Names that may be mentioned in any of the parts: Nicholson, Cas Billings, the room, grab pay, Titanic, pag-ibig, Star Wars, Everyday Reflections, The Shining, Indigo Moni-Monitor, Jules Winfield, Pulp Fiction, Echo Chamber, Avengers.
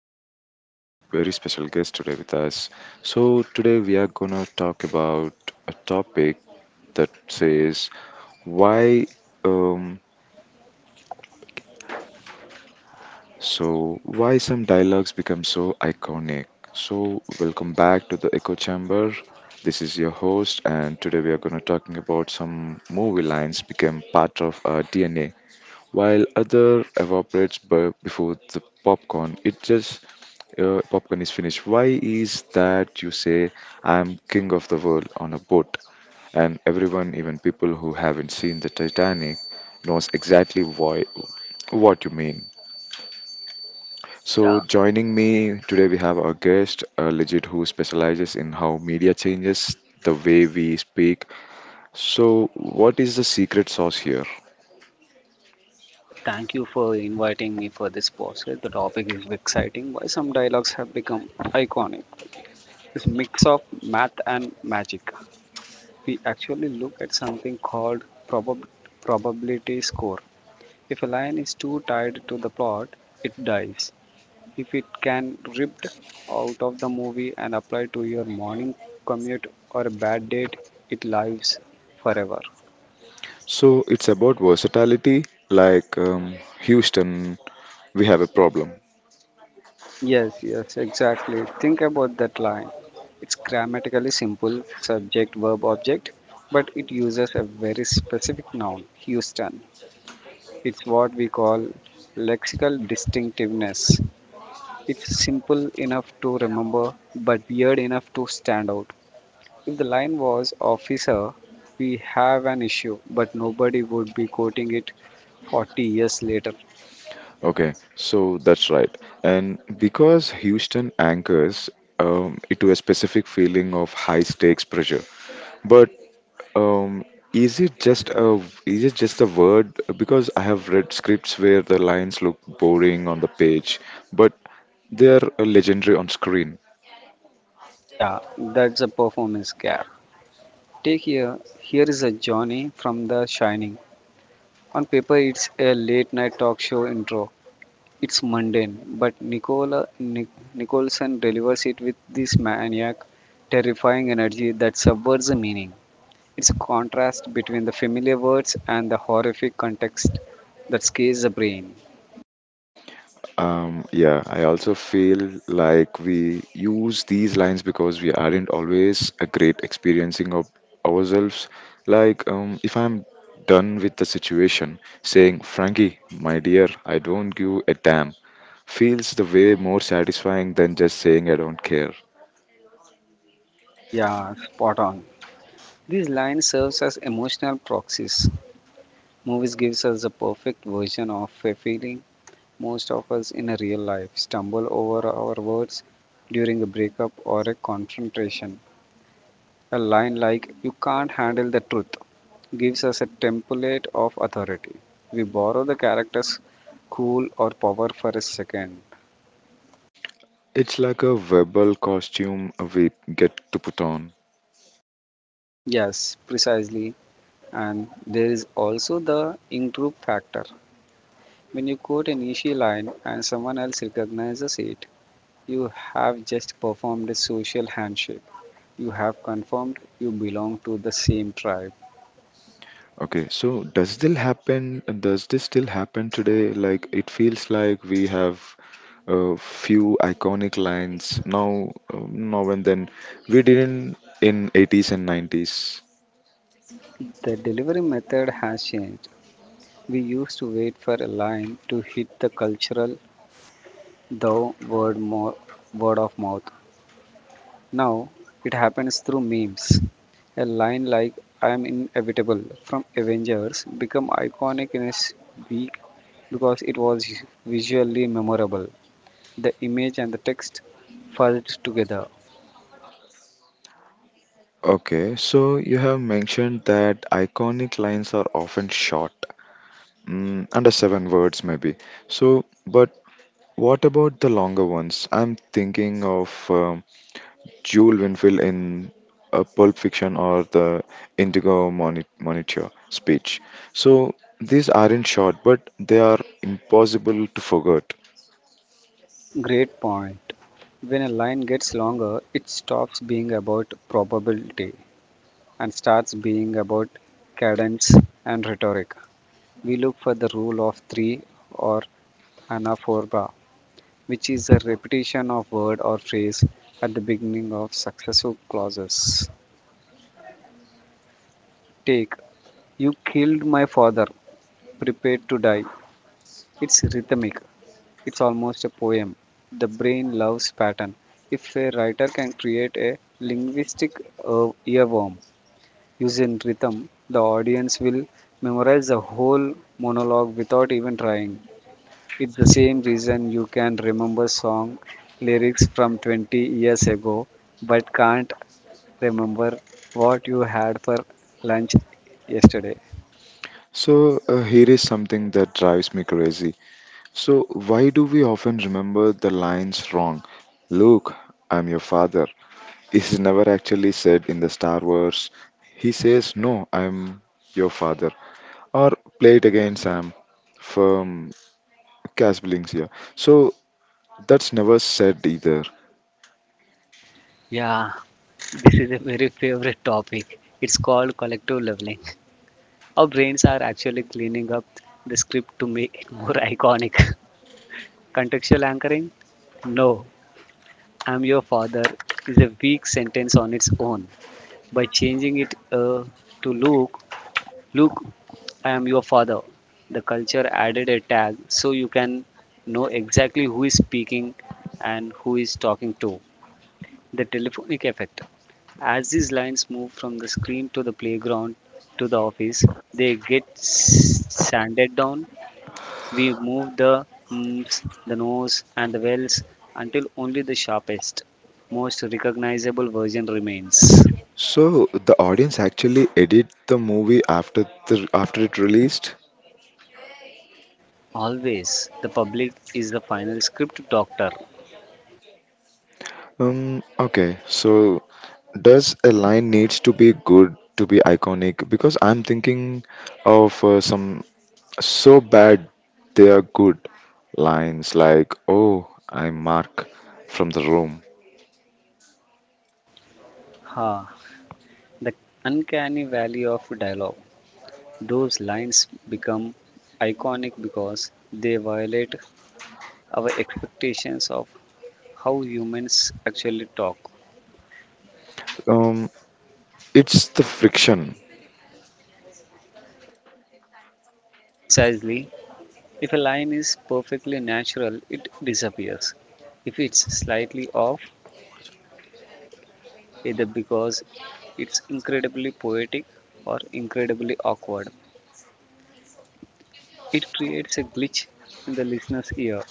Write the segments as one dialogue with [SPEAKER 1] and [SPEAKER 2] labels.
[SPEAKER 1] have a very special guest today with us. So today we are gonna talk about a topic that says why, um, why some dialogues become so iconic. So welcome back to the Echo Chamber. This is your host, and today we are gonna talking about some movie lines became part of our DNA, while other evaporates before the popcorn. It just popcorn is finished. Why is that? You say I'm king of the world on a boat, and everyone, even people who haven't seen the Titanic, knows exactly why what you mean.
[SPEAKER 2] Yeah,
[SPEAKER 1] So joining me today, we have our guest, Legit, who specializes in how media changes the way we speak. So what is the secret sauce here?
[SPEAKER 2] yeah. Thank you for inviting me for this podcast. The topic is exciting. Why some dialogues have become iconic? It's mix of math and magic. We actually look at something called probability score. If a line is too tied to the plot, it dies. If it can ripped out of the movie and applied to your morning commute or a bad date, it lives forever.
[SPEAKER 1] So it's about versatility, like Houston, we have a problem.
[SPEAKER 2] Yes, yes, exactly. Think about that line. It's grammatically simple subject verb object, but it uses a very specific noun, Houston. It's what we call lexical distinctiveness. It's simple enough to remember, but weird enough to stand out. If the line was officer, we have an issue, but nobody would be quoting it 40 years later.
[SPEAKER 1] Okay, so that's right. And because Houston anchors it to a specific feeling of high stakes pressure, but um, is it just a is it just a word? Because I have read scripts where the lines look boring on the page, but they are legendary on screen.
[SPEAKER 2] Yeah, that's a performance gap. Take here is a Johnny from The Shining. On paper, it's a late night talk show intro. It's mundane, but Nicholson delivers it with this maniac, terrifying energy that subverts the meaning. It's a contrast between the familiar words and the horrific context that scares the brain.
[SPEAKER 1] Yeah, I also feel like we use these lines because we aren't always a great experiencing of ourselves. Like, if I'm done with the situation, saying, "Frankie, my dear, I don't give a damn," feels the way more satisfying than just saying I don't care.
[SPEAKER 2] Yeah, spot on. This line serves as emotional proxies. Movies gives us the perfect version of a feeling. Most of us in a real life stumble over our words during a breakup or a confrontation. A line like, you can't handle the truth, gives us a template of authority. We borrow the character's cool or power for a second.
[SPEAKER 1] It's like a verbal costume we get to put on.
[SPEAKER 2] Yes, precisely. And there is also the in group factor. When you quote an issue line and someone else recognizes it, you have just performed a social handshake. You have confirmed you belong to the same tribe.
[SPEAKER 1] Okay, so does this still happen today? Like it feels like we have a few iconic lines now, now and then. We didn't in 80's and 90's.
[SPEAKER 2] The delivery method has changed. We used to wait for a line to hit the cultural thou word, mo- word of mouth. Now it happens through memes. A line like I am inevitable from Avengers become iconic in week because it was visually memorable. The image and the text fused together.
[SPEAKER 1] Okay, so you have mentioned that iconic lines are often short, mm, under seven words maybe. So but what about the longer ones? I'm thinking of Jules Winfield in Pulp Fiction, or the Monitor speech. So these aren't short, but they are impossible to forget.
[SPEAKER 2] Great point. When a line gets longer, it stops being about probability and starts being about cadence and rhetoric. We look for the rule of three or anaphora, which is a repetition of word or phrase at the beginning of successive clauses. Take, you killed my father, prepare to die. It's rhythmic, it's almost a poem. The brain loves pattern. If a writer can create a linguistic earworm using rhythm, the audience will memorize the whole monologue without even trying. It's the same reason you can remember song lyrics from 20 years ago but can't remember what you had for lunch yesterday.
[SPEAKER 1] So here is something that drives me crazy. So why do we often remember the lines wrong? Luke, I'm your father. Is never actually said in the Star Wars. He says, "No, I'm your father." Or play it again, Sam, from Cas Billings here. So that's never said either.
[SPEAKER 2] Yeah, this is a very favorite topic. It's called collective leveling. Our brains are actually cleaning up the script to make it more iconic. Contextual anchoring? No, I'm your father is a weak sentence on its own. By changing it to Luke, Luke, I am your father. The culture added a tag so you can know exactly who is speaking and who is talking to. The telephonic effect. As these lines move from the screen to the playground to the office, they get sanded down. We move the "ms", the nose, and the wells until only the sharpest, most recognizable version remains.
[SPEAKER 1] So the audience actually edit the movie after the after it released.
[SPEAKER 2] Always, the public is the final script doctor.
[SPEAKER 1] Okay. So does a line needs to be good to be iconic? Because I'm thinking of some so bad they are good lines like, "Oh, I'm Mark from the room."
[SPEAKER 2] Ha! The uncanny valley of dialogue. Those lines become iconic because they violate our expectations of how humans actually talk.
[SPEAKER 1] Um. It's the friction.
[SPEAKER 2] Precisely, if a line is perfectly natural, it disappears. If it's slightly off, either because it's incredibly poetic or incredibly awkward. It creates a glitch in the listener's ear.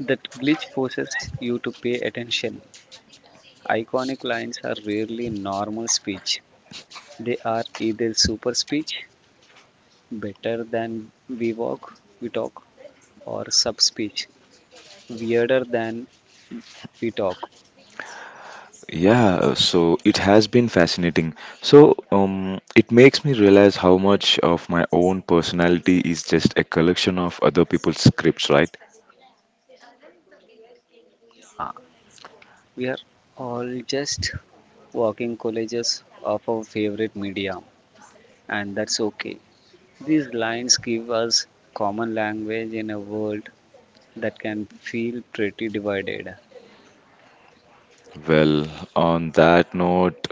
[SPEAKER 2] That glitch forces you to pay attention. Iconic lines are rarely normal speech. They are either super speech, better than we walk, we talk, or sub speech, weirder than we talk.
[SPEAKER 1] Yeah, so it has been fascinating. So, it makes me realize how much of my own personality is just a collection of other people's scripts, right?
[SPEAKER 2] Yeah, we are all just walking collages of our favorite media, and that's okay. These lines give us common language in a world that can feel pretty divided.
[SPEAKER 1] Well, on that note,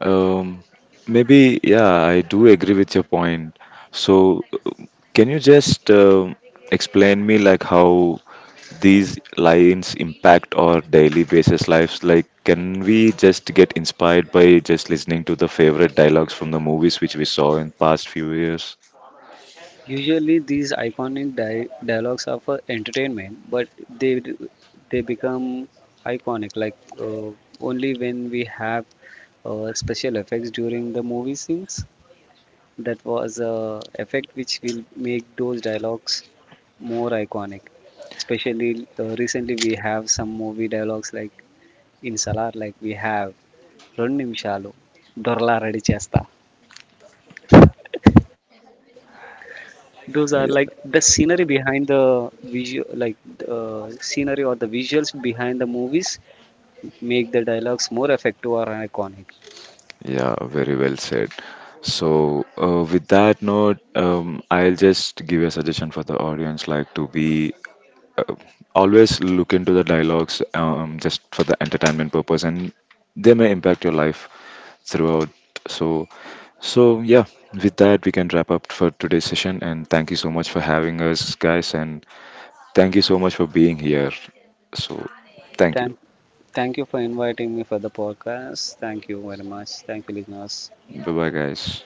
[SPEAKER 1] um, maybe, yeah, I do agree with your point. So, can you just explain me like how these lines impact our daily basis lives? Like can we just get inspired by just listening to the favorite dialogues from the movies which we saw in past few years?
[SPEAKER 2] Usually, these iconic dialogues are for entertainment, but they they become iconic like only when we have special effects during the movie scenes. That was a effect which will make those dialogues more iconic. Especially recently, we have some movie dialogues like in Salar, like we have రెండు నిమిషాలు దొరలా ready చేస్తా. Those are like the
[SPEAKER 1] Yeah,
[SPEAKER 2] scenery behind the view like scenery or the visuals behind the movies make the dialogues more effective or iconic.
[SPEAKER 1] yeah, very well said. So, with that note, I'll just give a suggestion for the audience, like to be uh, always look into the dialogues, just for the entertainment purpose, and they may impact your life throughout. So, yeah, with that, we can wrap up for today's session. And thank you so much for having us, guys. And thank you so much for being here. So, thank you.
[SPEAKER 2] Thank, thank you for inviting me for the podcast. Thank you very much. Thank you, listeners.
[SPEAKER 1] Bye bye, guys.